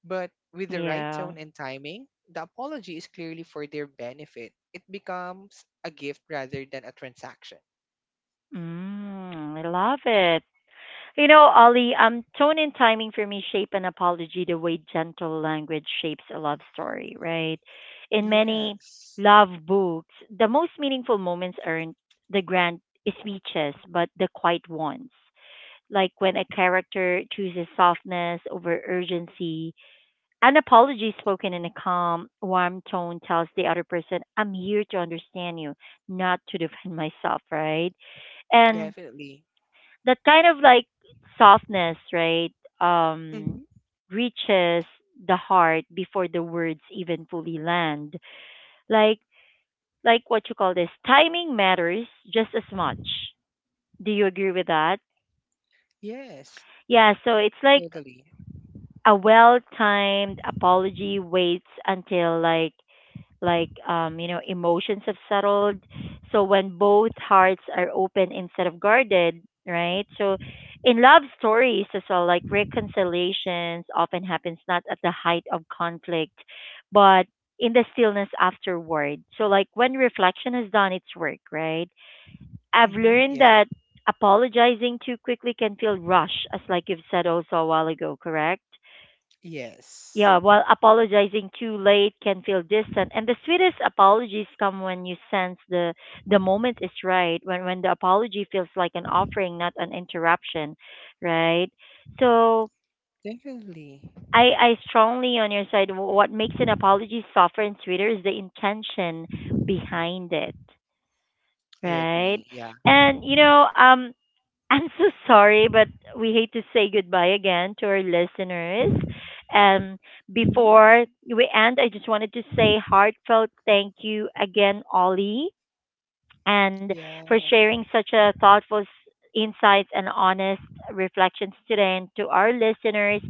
B: But with the right
A: Yeah.
B: tone and timing, the apology is clearly for their benefit. It becomes a gift rather than a transaction.
A: Mm. I love it. You know, Ollie, tone and timing for me shape an apology the way gentle language shapes a love story, right? In many
B: Yes,
A: love books, the most meaningful moments aren't the grand speeches, but the quiet ones. Like when a character chooses softness over urgency, an apology spoken in a calm, warm tone tells the other person, I'm here to understand you, not to defend myself, right? And
B: definitely.
A: that kind of like softness, right? Um,
B: Hmm.
A: reaches the heart before the words even fully land. Like, like what you call this, timing matters just as much. Do you agree with that?
B: Yes,
A: Yeah. So it's like
B: totally.
A: a well-timed apology waits until like you know, emotions have settled. So when both hearts are open instead of guarded, right? So in love stories as well, like reconciliations often happens not at the height of conflict, but in the stillness afterward. So like when reflection has done its work, right? I've
B: Hmm.
A: learned
B: Yeah.
A: that apologizing too quickly can feel rushed, as like you've said also a while ago, correct?
B: Yes,
A: Yeah, while apologizing too late can feel distant. And the sweetest apologies come when you sense the moment is right, when the apology feels like an offering, not an interruption, right? So
B: definitely.
A: I strongly on your side. What makes an apology softer and sweeter is the intention behind it,
B: I
A: right?
B: agree. Yeah.
A: And you know, I'm so sorry, but we hate to say goodbye again to our listeners. Um,
B: Hmm.
A: before we end, I just wanted to say heartfelt thank you again, Ollie, and for
B: Yeah,
A: sharing such a thoughtful insights and honest reflections today. And to our listeners,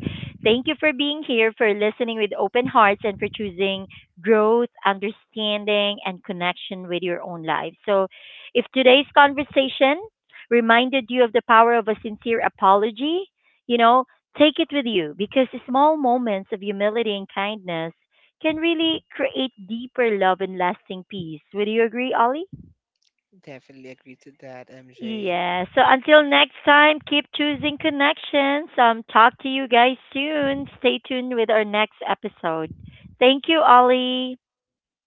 A: thank you for being here, for listening with open hearts, and for choosing growth, understanding, and connection with your own life. So, if today's conversation reminded you of the power of a sincere apology, you know, take it with you because small moments of humility and kindness can really create deeper love and lasting peace. Would you agree, Ollie?
B: definitely agree to that, MJ.
A: Yeah. So until next time, keep choosing connections. Talk to you guys soon. Stay tuned with our next episode. Thank you, Ollie.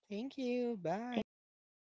B: Thank you.
A: Thank
B: Bye.
A: you.